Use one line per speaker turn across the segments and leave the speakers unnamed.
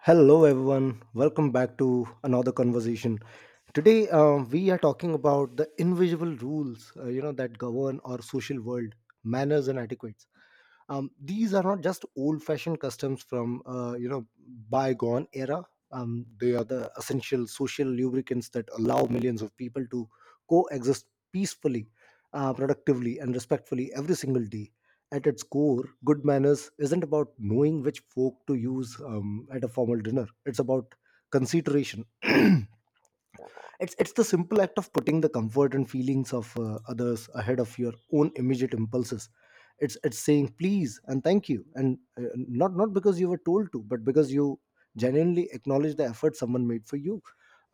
Hello, everyone. Welcome back to another conversation. Today, we are talking about the invisible rules, that govern our social world, manners and etiquettes. These are not just old-fashioned customs from, bygone era. They are the essential social lubricants that allow millions of people to coexist peacefully, productively, and respectfully every single day. At its core, good manners isn't about knowing which fork to use at a formal dinner. It's about consideration. It's the simple act of putting the comfort and feelings of others ahead of your own immediate impulses. It's saying please and thank you, and not because you were told to, but because you genuinely acknowledge the effort someone made for you.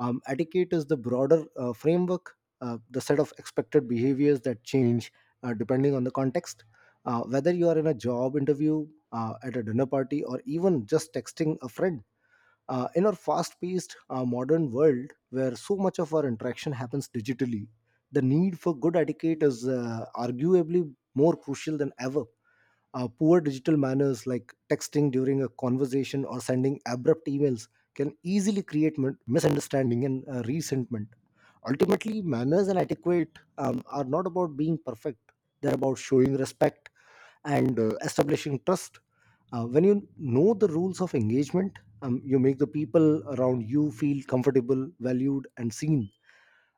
Etiquette is the broader framework, the set of expected behaviors that change, depending on the context, whether you are in a job interview, at a dinner party, or even just texting a friend. In our fast paced modern world, where so much of our interaction happens digitally, the need for good etiquette is arguably more crucial than ever. Poor digital manners like texting during a conversation or sending abrupt emails can easily create misunderstanding and resentment. Ultimately, manners and etiquette are not about being perfect. They're about showing respect and establishing trust. When you know the rules of engagement, you make the people around you feel comfortable, valued, and seen.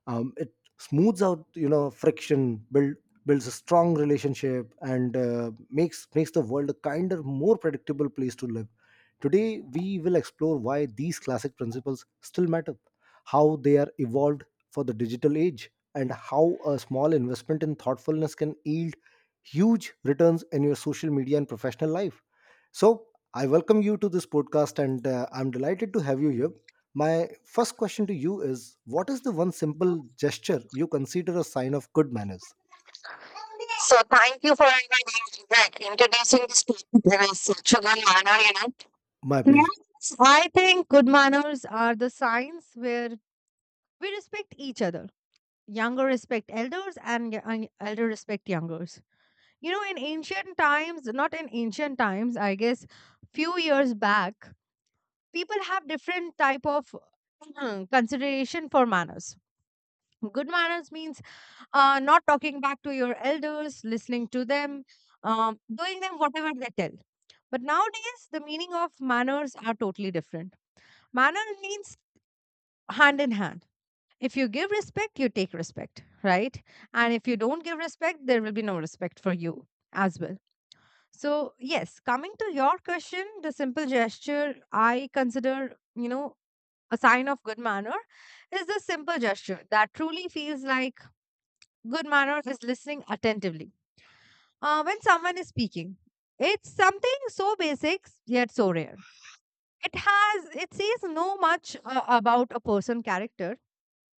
It smooths out friction, builds a strong relationship, and makes the world a kinder, more predictable place to live. Today we will explore why these classic principles still matter, how they are evolved for the digital age, and how a small investment in thoughtfulness can yield huge returns in your social media and professional life. So I welcome you to this podcast, and I'm delighted to have you here. My first question to you is: what is the one simple gesture you consider a sign of good manners?
So thank you for inviting me back, introducing this topic in a such a good manner, you know.
My pleasure.
Yes, I think good manners are where we respect each other, young respect and elders. You know, in, not in ancient times, I guess, few years back, people have different type of uh, consideration for manners. Good means not talking back to your elders, them, doing them whatever they tell. But nowadays, the meaning of manners are totally different. Manner means hand in hand. If you give respect, you take respect, right? And if you don't give respect, there will be no respect for you as well. So, yes, coming to your question, the simple gesture I consider, you know, a sign of good manner is the simple gesture that truly feels like good manner is listening attentively. When someone is speaking, it's something so basic yet so rare. It says no much about a person character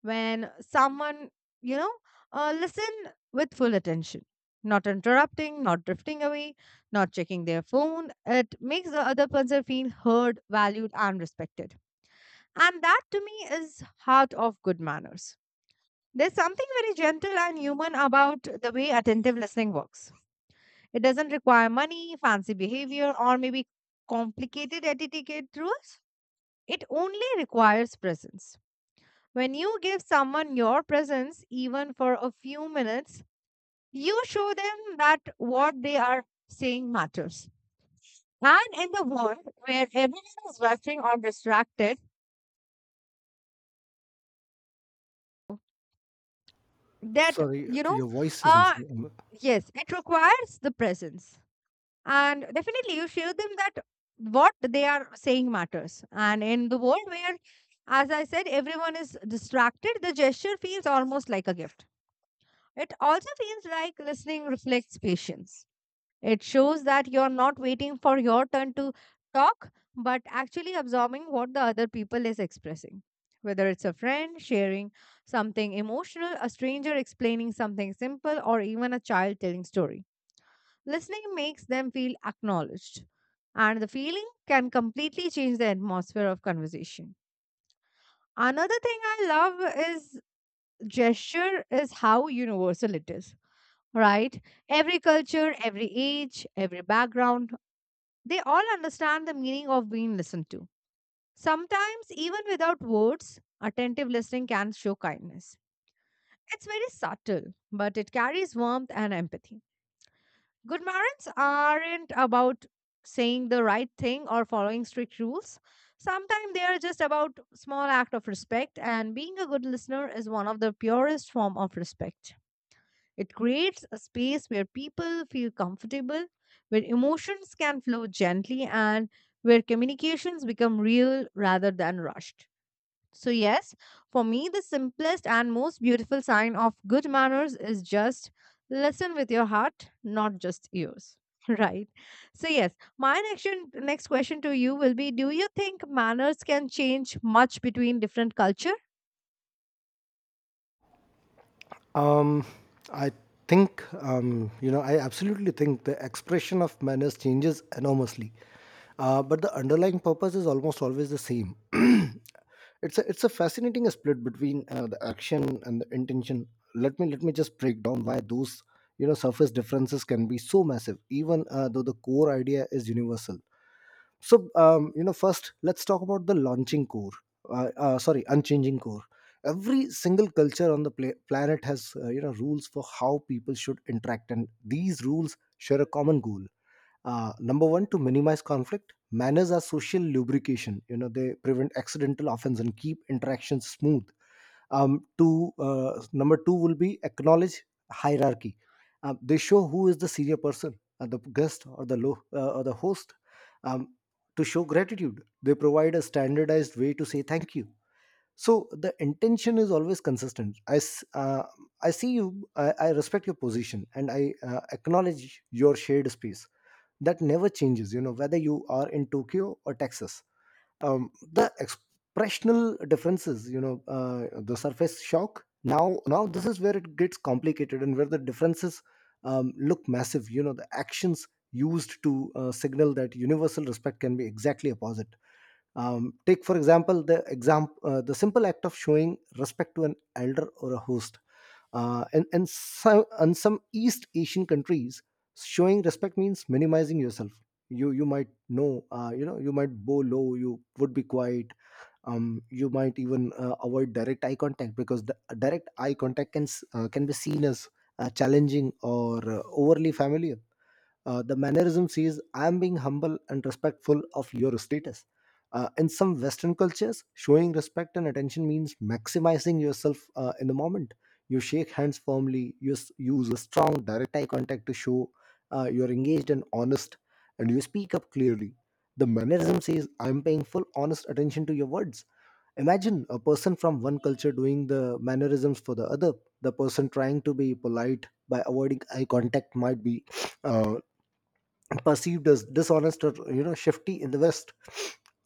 when someone, you know, listen with full attention, not interrupting, not drifting away, not checking their phone. It makes the other person feel heard, valued, and respected. And that to me is heart of good manners. There's something very gentle and human about the way attentive listening works. It doesn't require money, fancy behavior, or maybe complicated etiquette rules. It only requires presence. When you give someone your presence, even for a few minutes, you show them that what they are saying matters. And in the world where everyone is rushing or distracted, that,
Sorry,
you know,
your voice is
uh,
missing.
yes, it requires the presence. And definitely you show them that what they are saying matters. And in the world where, as I said, everyone is distracted, the gesture feels almost like a gift. It also feels like listening reflects patience. It shows that you're not waiting for your turn to talk, but actually absorbing what the other people is expressing. Whether it's a friend sharing something emotional, a stranger explaining something simple, or even a child telling story. Listening makes them feel acknowledged, and the feeling can completely change the atmosphere of conversation. Another thing I love is gesture is how universal it is, right? Every culture, every age, every background they all understand the meaning of being listened to. Sometimes, even without words, attentive listening can show kindness. It's very subtle, but it carries warmth and empathy. Good morals aren't about saying the right thing or following strict rules. Sometimes they are just about small act of respect and being a good listener is one of the purest form of respect. It creates a space where people feel comfortable, where emotions can flow gently, and where communications become real rather than rushed. So, yes, for me, the simplest and most beautiful sign of good manners is just listen with your heart, not just ears. Right. So, yes, my next question to you will be, do you think manners can change much between different culture?
Um, I think, I absolutely think the expression of manners changes enormously. But the underlying purpose is almost always the same. It's a fascinating split between the action and the intention. Let me just break down why those surface differences can be so massive, even though the core idea is universal. So first, let's talk about the launching core sorry unchanging core. Every single culture on the planet has rules for how people should interact, and these rules share a common goal. Number one: to minimize conflict. Manners are social lubrication, they prevent accidental offense and keep interactions smooth. Two Number two will be acknowledge hierarchy. They show who is the senior person, the guest or the host. Um, to show gratitude, they provide a standardized way to say thank you. So the intention is always consistent: I see you. I respect your position, and I acknowledge your shared space. That never changes, whether you are in Tokyo or Texas. The expressional differences, the surface shock. Now, this is where it gets complicated and where the differences look massive. The actions used to signal that universal respect can be exactly opposite. Take, for example, the simple act of showing respect to an elder or a host. And some East Asian countries, showing respect means minimizing yourself. You might know, you might bow low. You would be quiet. You might even avoid direct eye contact, because the direct eye contact can be seen as challenging or overly familiar. The mannerism says, "I am being humble and respectful of your status." In some Western cultures, showing respect and attention means maximizing yourself in the moment. You shake hands firmly, use a strong direct eye contact to show you're engaged and honest, and you speak up clearly. The mannerism says, "I'm paying full honest attention to your words." Imagine a person from one culture doing the mannerisms for the other. The person trying to be polite by avoiding eye contact might be uh, perceived as dishonest or shifty in the West.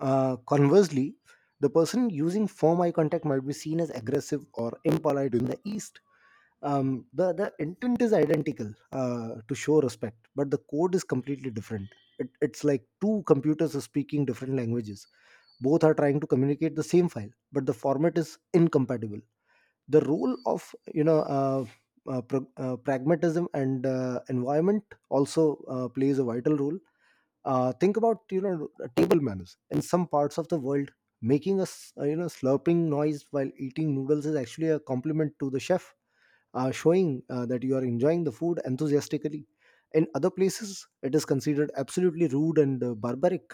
Conversely, the person using firm eye contact might be seen as aggressive or impolite in the East. The intent is identical, to show respect, but the code is completely different. It's like two computers are speaking different languages. Both are trying to communicate the same file, but the format is incompatible. The role of pragmatism and environment also plays a vital role. Think about, table manners in some parts of the world. Making a slurping noise while eating noodles is actually a compliment to the chef, showing that you are enjoying the food enthusiastically. In other places, it is considered absolutely rude and barbaric.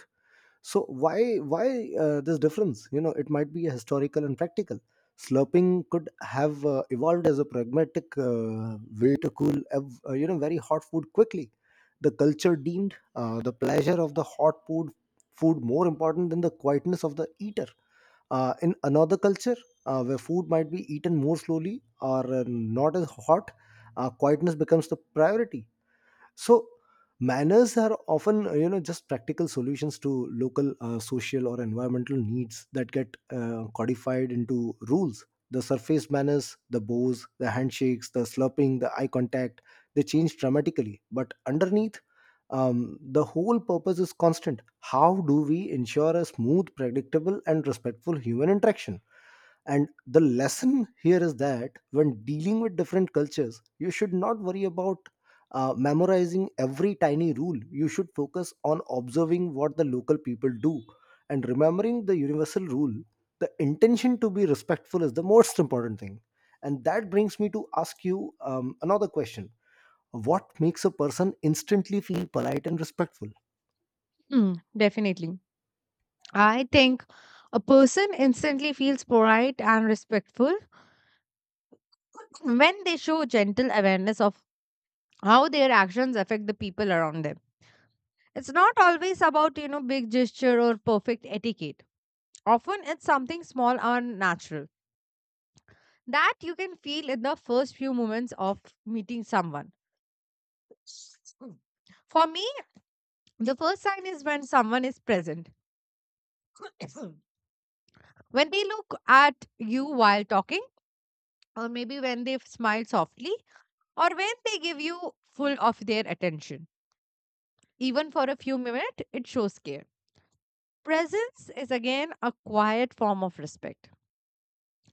So why this difference? It might be historical and practical. Slurping could have evolved as a pragmatic way to cool very hot food quickly. The culture deemed the pleasure of the hot food more important than the quietness of the eater. In another culture, where food might be eaten more slowly or not as hot, quietness becomes the priority. So manners are often just practical solutions to local social or environmental needs that get codified into rules. The surface manners, the bows, the handshakes, the slurping, the eye contact, they change dramatically. But underneath, the whole purpose is constant: how do we ensure a smooth, predictable, and respectful human interaction? And the lesson here is that when dealing with different cultures, you should not worry about memorizing every tiny rule. You should focus on observing what the local people do and remembering the universal rule. The intention to be respectful is the most important thing. And that brings me to ask you another question: what makes a person instantly feel polite and respectful?
Mm, definitely I think a person instantly feels polite and respectful when they show gentle awareness of how their actions affect the people around them. It's not always about, you know, big gesture or perfect etiquette. Often it's something small and natural that you can feel in the first few moments of meeting someone. For me, the first sign is when someone is present. When they look at you while talking, or maybe when they smile softly, or when they give you full of their attention. Even for a few minutes, it shows care. Presence is again a quiet form of respect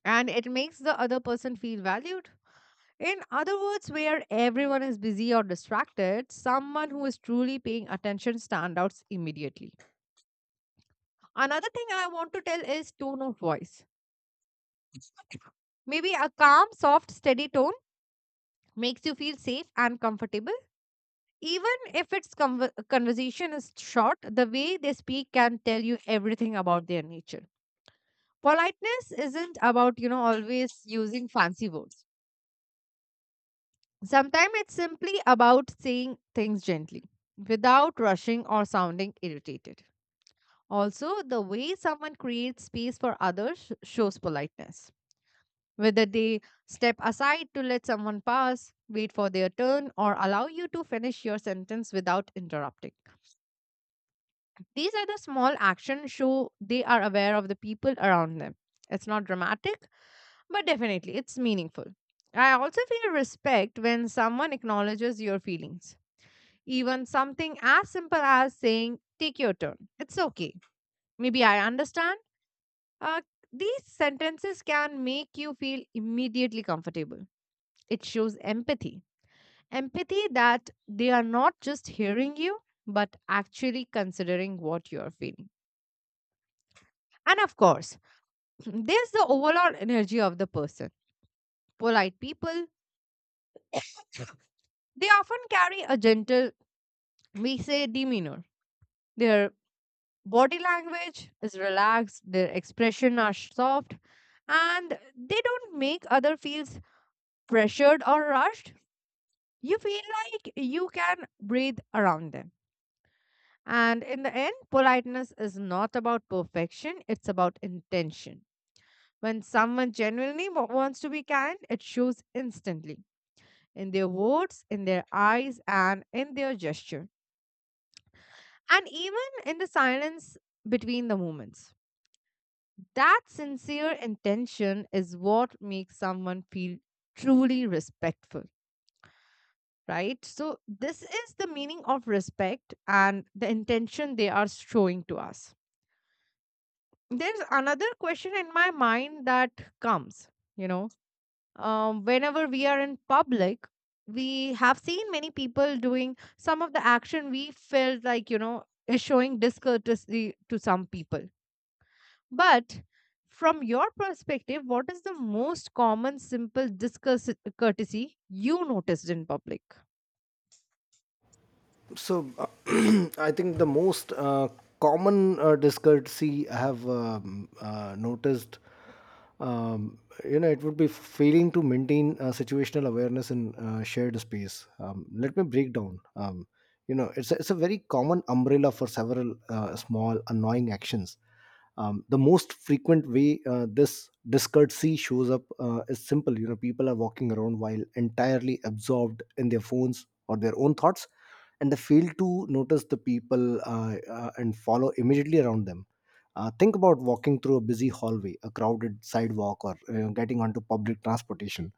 and it makes the other person feel valued. In other words, where everyone is busy or distracted, someone who is truly paying attention stand out immediately. Another thing I want to tell is tone of voice. Maybe a calm, soft, steady tone makes you feel safe and comfortable. Even if its conver- conversation is short, the way they speak can tell you everything about their nature. Politeness isn't about, you know, always using fancy words. Sometimes it's simply about saying things gently without rushing or sounding irritated. Also, the way someone creates space for others shows politeness. Whether they step aside to let someone pass, wait for their turn, or allow you to finish your sentence without interrupting. These are the small actions show they are aware of the people around them. It's not dramatic, but definitely it's meaningful. I also feel respect when someone acknowledges your feelings. Even something as simple as saying, take your turn. It's okay. Maybe I understand. Uh, these sentences can make you feel immediately comfortable. It shows empathy. Empathy that they are not just hearing you, but actually considering what you're feeling. And of course, there's the overall energy of the person. Polite people, they often carry a gentle, we say, demeanor. Their body language is relaxed, their expression are soft, and they don't make other feels pressured or rushed. You feel like you can breathe around them. And in the end, politeness is not about perfection, it's about intention. When someone genuinely wants to be kind, it shows instantly. In their words, in their eyes, and in their gesture, and even in the silence between the moments. That sincere intention is what makes someone feel truly respectful, right? So, this is the meaning of respect and the intention they are showing to us. There's another question in my mind that comes, you know, whenever we are in public, we have seen many people doing some of the action we felt like, you know, is showing discourtesy to some people. But from your perspective, what is the most common simple discourtesy you noticed in public?
So, I think the most common discourtesy I have noticed, um, it would be failing to maintain situational awareness in shared space. Let me break down. It's a very common umbrella for several small annoying actions. The most frequent way this discourtesy shows up is simple: people are walking around while entirely absorbed in their phones or their own thoughts, and they fail to notice the people and follow immediately around them. Think about walking through a busy hallway, a crowded sidewalk, or getting onto public transportation.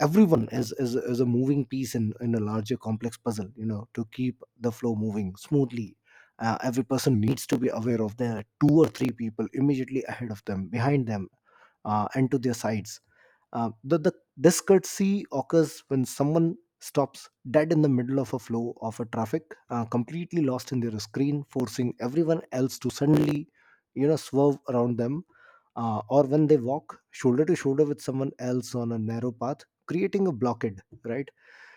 Everyone is a moving piece in a larger complex puzzle, to keep the flow moving smoothly. Every person needs to be aware of there are two or three people immediately ahead of them, behind them, and to their sides. The discourtesy occurs when someone stops dead in the middle of a flow of a traffic, completely lost in their screen, forcing everyone else to suddenly, swerve around them, or when they walk shoulder to shoulder with someone else on a narrow path, creating a blockade, right?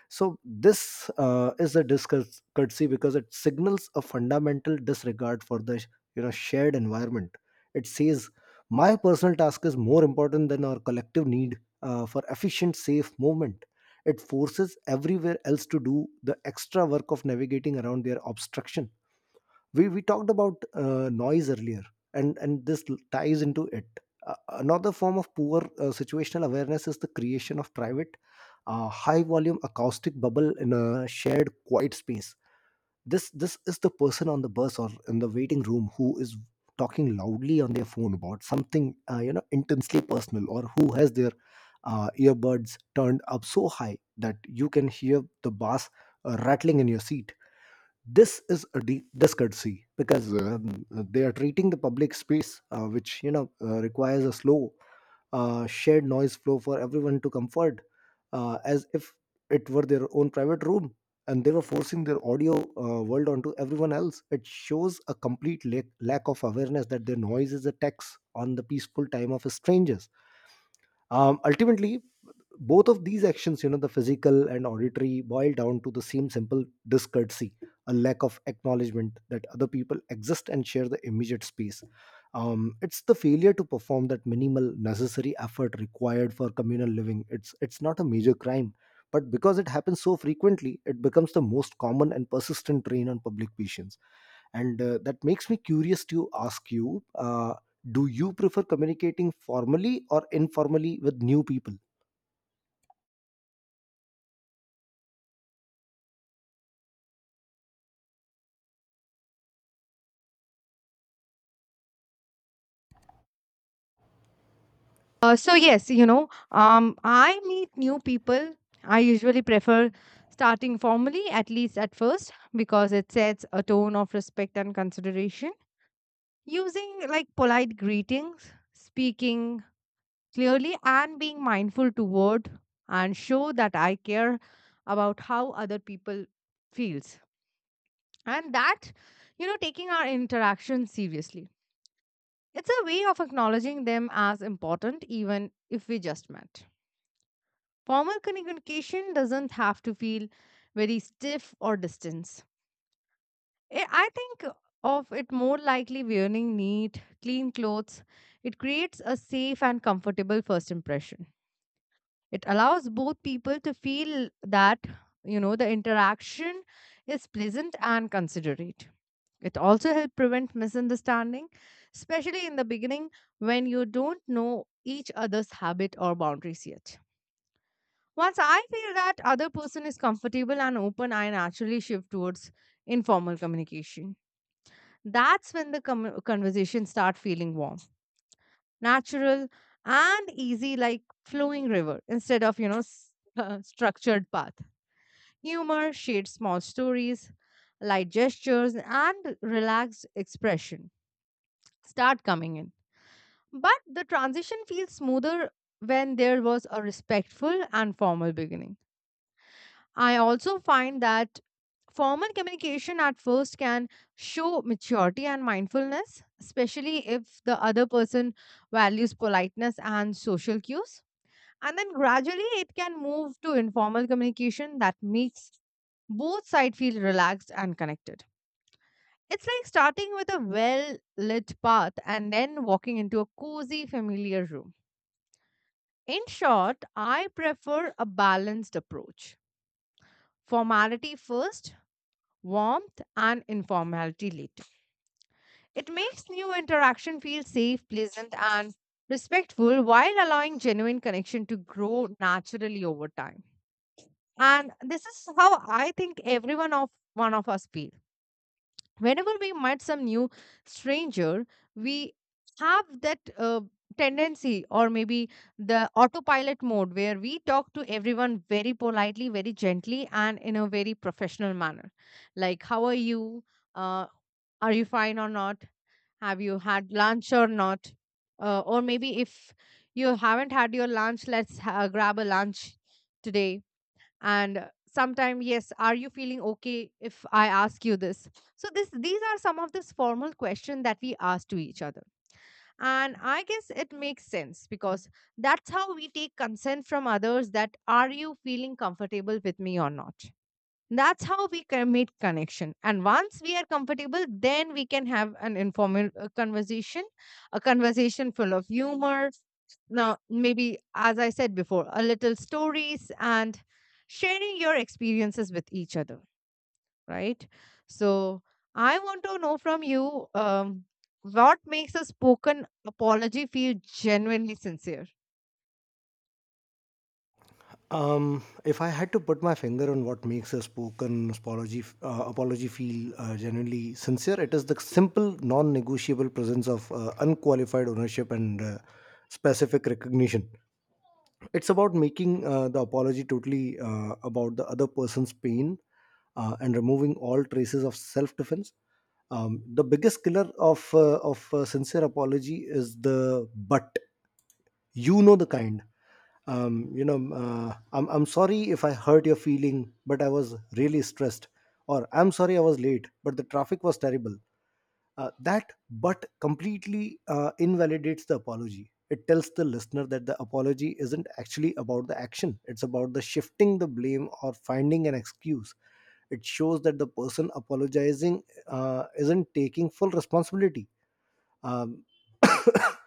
So this is a discourtesy because it signals a fundamental disregard for the shared environment. It says, my personal task is more important than our collective need for efficient, safe movement. It forces everywhere else to do the extra work of navigating around their obstruction. We talked about noise earlier, and this ties into it. uh, Another form of poor situational awareness is the creation of private, high volume acoustic bubble in a shared quiet space. This is the person on the bus or in the waiting room who is talking loudly on their phone about something intensely personal, or who has their earbuds turned up so high that you can hear the bass rattling in your seat. This is a discourtesy because they are treating the public space, which requires a slow, shared noise flow for everyone to comfort, as if it were their own private room and they were forcing their audio world onto everyone else. It shows a complete lack of awareness that their noise is a tax on the peaceful time of strangers. Ultimately, both of these actions, the physical and auditory, boil down to the same simple discourtesy: a lack of acknowledgement that other people exist and share the immediate space. It's the failure to perform that minimal necessary effort required for communal living. It's not a major crime, but because it happens so frequently, it becomes the most common and persistent drain on public patience. And that makes me curious to ask you, do you prefer communicating formally or informally with new people?
So yes, you know, I meet new people. I usually prefer starting formally, at least at first, because it sets a tone of respect and consideration. Using like polite greetings, speaking clearly, and being mindful to word and show that I care about how other people feels, and that you know, taking our interaction seriously. It's a way of acknowledging them as important, even if we just met. Formal communication doesn't have to feel very stiff or distance. I think of it more likely wearing neat, clean clothes. It creates a safe and comfortable first impression. It allows both people to feel that, you know, the interaction is pleasant and considerate. It also helps prevent misunderstanding, especially in the beginning when you don't know each other's habit or boundaries yet. Once I feel that other person is comfortable and open, I naturally shift towards informal communication. That's when the com- conversation start feeling warm, natural, and easy, like flowing river instead of structured path. Humor, shared small stories, light gestures, and relaxed expression start coming in. But the transition feels smoother when there was a respectful and formal beginning. I also find that formal communication at first can show maturity and mindfulness, especially if the other person values politeness and social cues. And then gradually it can move to informal communication that makes both sides feel relaxed and connected. It's like starting with a well lit path and then walking into a cozy, familiar room. In short, I prefer a balanced approach, formality first, warmth, and informality later. It makes new interaction feel safe, pleasant, and respectful while allowing genuine connection to grow naturally over time. And this is how I think everyone of one of us feel. Whenever we met some new stranger, we have that tendency or maybe the autopilot mode where we talk to everyone very politely, very gently, and in a very professional manner. Like, how are you? Uh, are you fine or not? Have you had lunch or not? Or maybe if you haven't had your lunch, let's grab a lunch today. And sometime, yes, are you feeling okay if I ask you this? So this these are some of this formal question that we ask to each other. And I guess it makes sense because that's how we take consent from others that are you feeling comfortable with me or not? That's how we can make connection. And once we are comfortable, then we can have an informal conversation, a conversation full of humor. Now, maybe, as I said before, a little stories and sharing your experiences with each other, right? So I want to know from you, what makes a spoken apology feel genuinely sincere?
If I had to put my finger on what makes a spoken apology feel genuinely sincere, it is the simple, non-negotiable presence of unqualified ownership and specific recognition. It's about making the apology totally about the other person's pain and removing all traces of self defense. The biggest killer of sincere apology is the "but." You know the kind. I'm sorry if I hurt your feeling, but I was really stressed. Or, I'm sorry I was late, but the traffic was terrible. That "but" completely invalidates the apology. It tells the listener that the apology isn't actually about the action, it's about the shifting the blame or finding an excuse. It shows that the person apologizing isn't taking full responsibility. Um,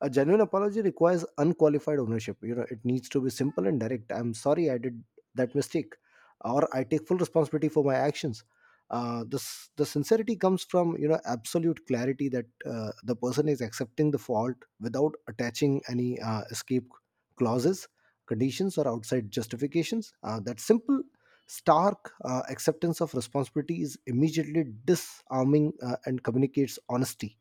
a genuine apology requires unqualified ownership. You know, it needs to be simple and direct. I'm sorry I did that mistake, or I take full responsibility for my actions. This the sincerity comes from absolute clarity that the person is accepting the fault without attaching any escape clauses, conditions, or outside justifications. That simple, stark acceptance of responsibility is immediately disarming and communicates honesty.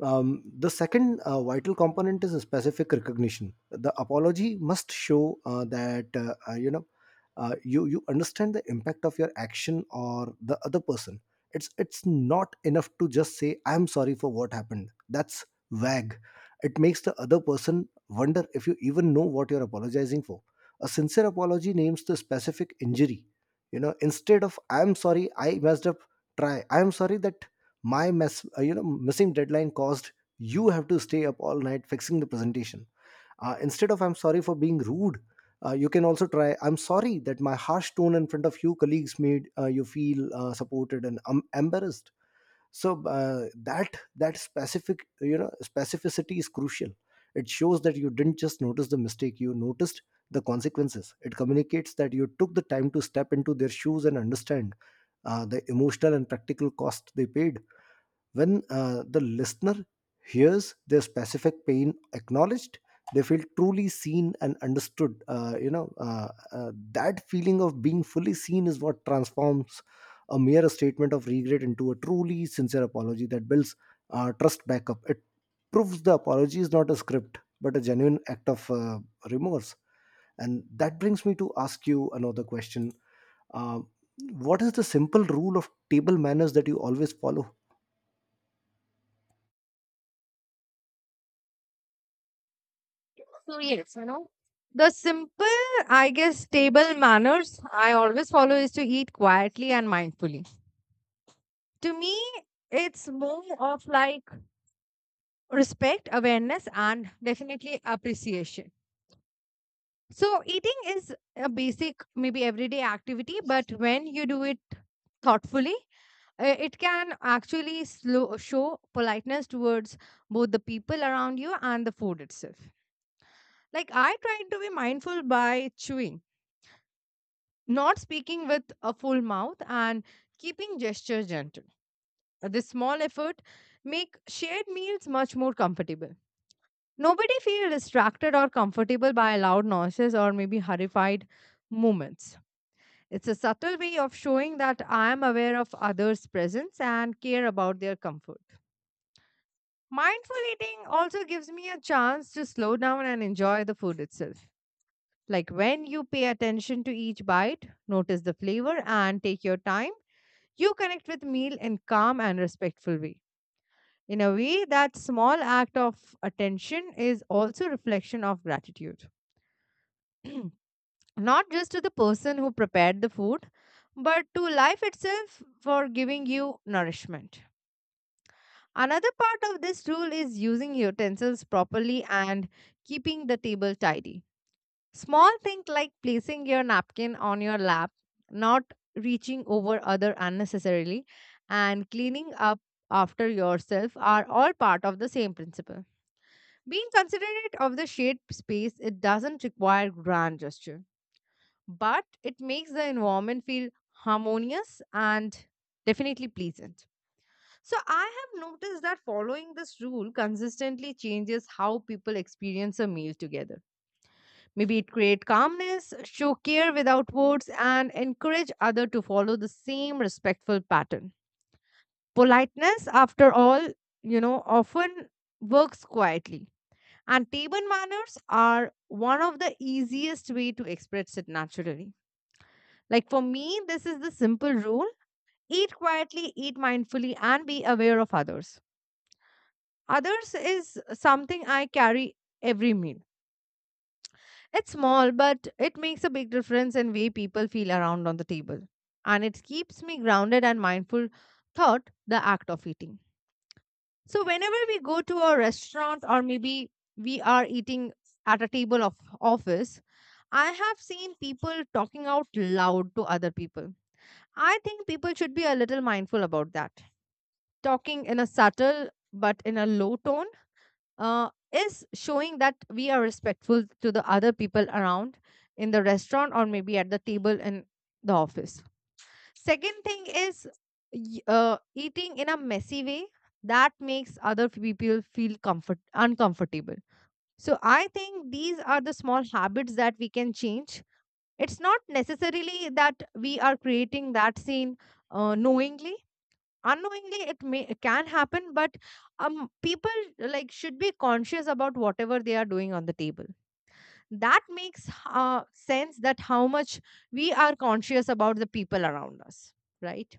The second vital component is a specific recognition. The apology must show that you know you you understand the impact of your action or the other person. It's not enough to just say, I'm sorry for what happened. That's vague. It makes the other person wonder if you even know what you're apologizing for. A sincere apology names the specific injury. You know, instead of, I'm sorry, I messed up, try, I'm sorry that my mess you know missing deadline caused you have to stay up all night fixing the presentation. Instead of, I'm sorry for being rude, you can also try, I'm sorry that my harsh tone in front of you colleagues made you feel supported and embarrassed. So that specific, specificity is crucial. It shows that you didn't just notice the mistake, you noticed the consequences. It communicates that you took the time to step into their shoes and understand the emotional and practical cost they paid. When the listener hears their specific pain acknowledged, they feel truly seen and understood. That feeling of being fully seen is what transforms a mere statement of regret into a truly sincere apology that builds trust back up. It proves the apology is not a script, but a genuine act of remorse. And that brings me to ask you another question. Uh, what is the simple rule of table manners that you always follow?
So yes, you know, the simple, I guess, table manners I always follow is to eat quietly and mindfully. To me, it's more of like respect, awareness, and definitely appreciation. So eating is a basic, maybe everyday activity, but when you do it thoughtfully, it can actually slow, show politeness towards both the people around you and the food itself. Like I try to be mindful by chewing not speaking with a full mouth and keeping gesture gentle. This small effort make shared meals much more comfortable. Nobody feel distracted or comfortable by loud noises or maybe horrified movements. It's a subtle way of showing that I am aware of others presence and care about their comfort. Mindful eating also gives me a chance to slow down and enjoy the food itself. Like when you pay attention to each bite notice the flavor and take your time. You connect with meal in calm and respectful way. In a way, that small act of attention is also reflection of gratitude. Not just to the person who prepared the food, but to life itself for giving you nourishment. Another part of this rule is using utensils properly and keeping the table tidy. Small things like placing your napkin on your lap, not reaching over other unnecessarily, and cleaning up after yourself are all part of the same principle. Being considerate of the shared space, it doesn't require grand gesture, but it makes the environment feel harmonious and definitely pleasant. So I have noticed that following this rule consistently changes how people experience a meal together. Maybe it create calmness, show care without words, and encourage other to follow the same respectful pattern. Politeness, after all, you know, often works quietly. And table manners are one of the easiest way to express it naturally. Like for me, this is the simple rule. Eat quietly, eat mindfully, and be aware of others. Others is something I carry every meal. It's small, but it makes a big difference in way people feel around on the table. And it keeps me grounded and mindful thought the act of eating. So whenever we go to a restaurant or maybe we are eating at a table of office, I have seen people talking out loud to other people. I think people should be a little mindful about that. Talking in a subtle but in a low tone is showing that we are respectful to the other people around in the restaurant or maybe at the table in the office. Second thing is eating in a messy way that makes other people feel comfort uncomfortable. So I think these are the small habits that we can change. It's not necessarily that we are creating that scene knowingly unknowingly it may it can happen, but people like should be conscious about whatever they are doing on the table. That makes sense that how much we are conscious about the people around us, right?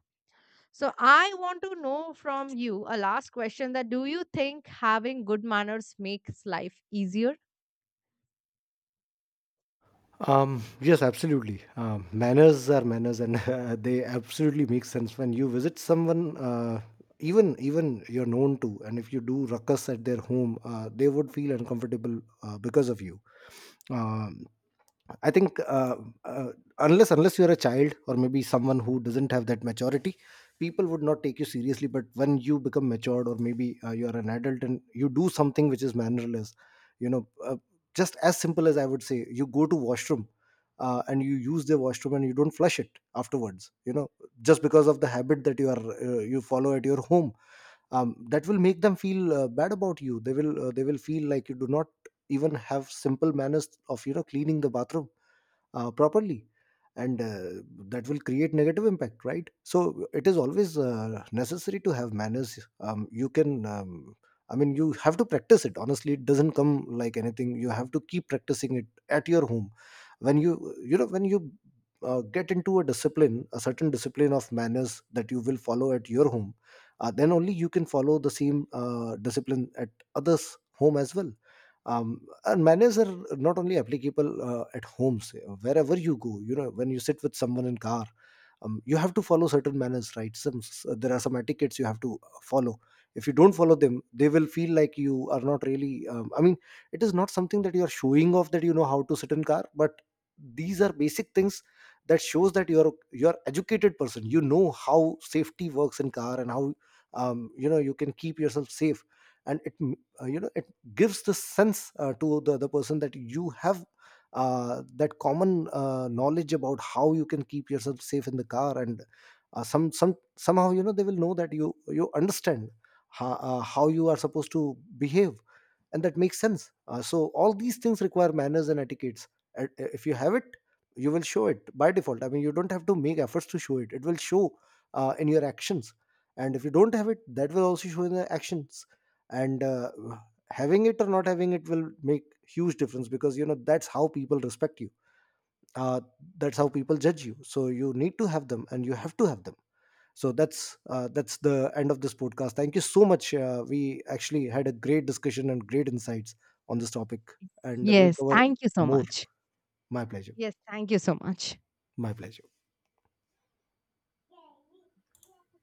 So I want to know from you a last question, that do you think having good manners makes life easier?
Yes, absolutely. Manners are manners, and they absolutely make sense when you visit someone, even you're known to, and if you do ruckus at their home, they would feel uncomfortable because of you. Um, I think uh, uh, unless unless you're a child or maybe someone who doesn't have that maturity, people would not take you seriously. But when you become matured, or maybe you're an adult and you do something which is mannerless, you know, uh, just as simple as I would say, you go to washroom. And you use the washroom and you don't flush it afterwards, just because of the habit that you are you follow at your home. That will make them feel bad about you. They will feel like you do not even have simple manners of cleaning the bathroom properly, and that will create negative impact, right? So it is always necessary to have manners. You can I mean, you have to practice it, honestly. It doesn't come like anything. You have to keep practicing it at your home. When you you know when you uh, get into a discipline, a certain discipline of manners that you will follow at your home, then only you can follow the same discipline at others home as well. And manners are not only applicable at homes. Wherever you go, when you sit with someone in car, you have to follow certain manners, right? There are some etiquettes you have to follow. If you don't follow them, they will feel like you are not really I mean, it is not something that you are showing off that you know how to sit in car, but these are basic things that shows that you're educated person, you know how safety works in car and how, you can keep yourself safe. And it it gives the sense to the other person that you have that common knowledge about how you can keep yourself safe in the car. And somehow, they will know that you understand how you are supposed to behave, and that makes sense. So all these things require manners and etiquettes. And if you have it, you will show it by default. I mean, you don't have to make efforts to show it. It will show in your actions. And if you don't have it, that will also show in the actions. And having it or not having it will make huge difference, because, that's how people respect you. uh, that's how people judge you. So you need to have them, and you have to have them. So that's the end of this podcast. Thank you so much. We actually had a great discussion and great insights on this topic. And we'll
Yes,
cover
thank you so
more.
much.
My pleasure.
Yes, thank you so much.
My pleasure.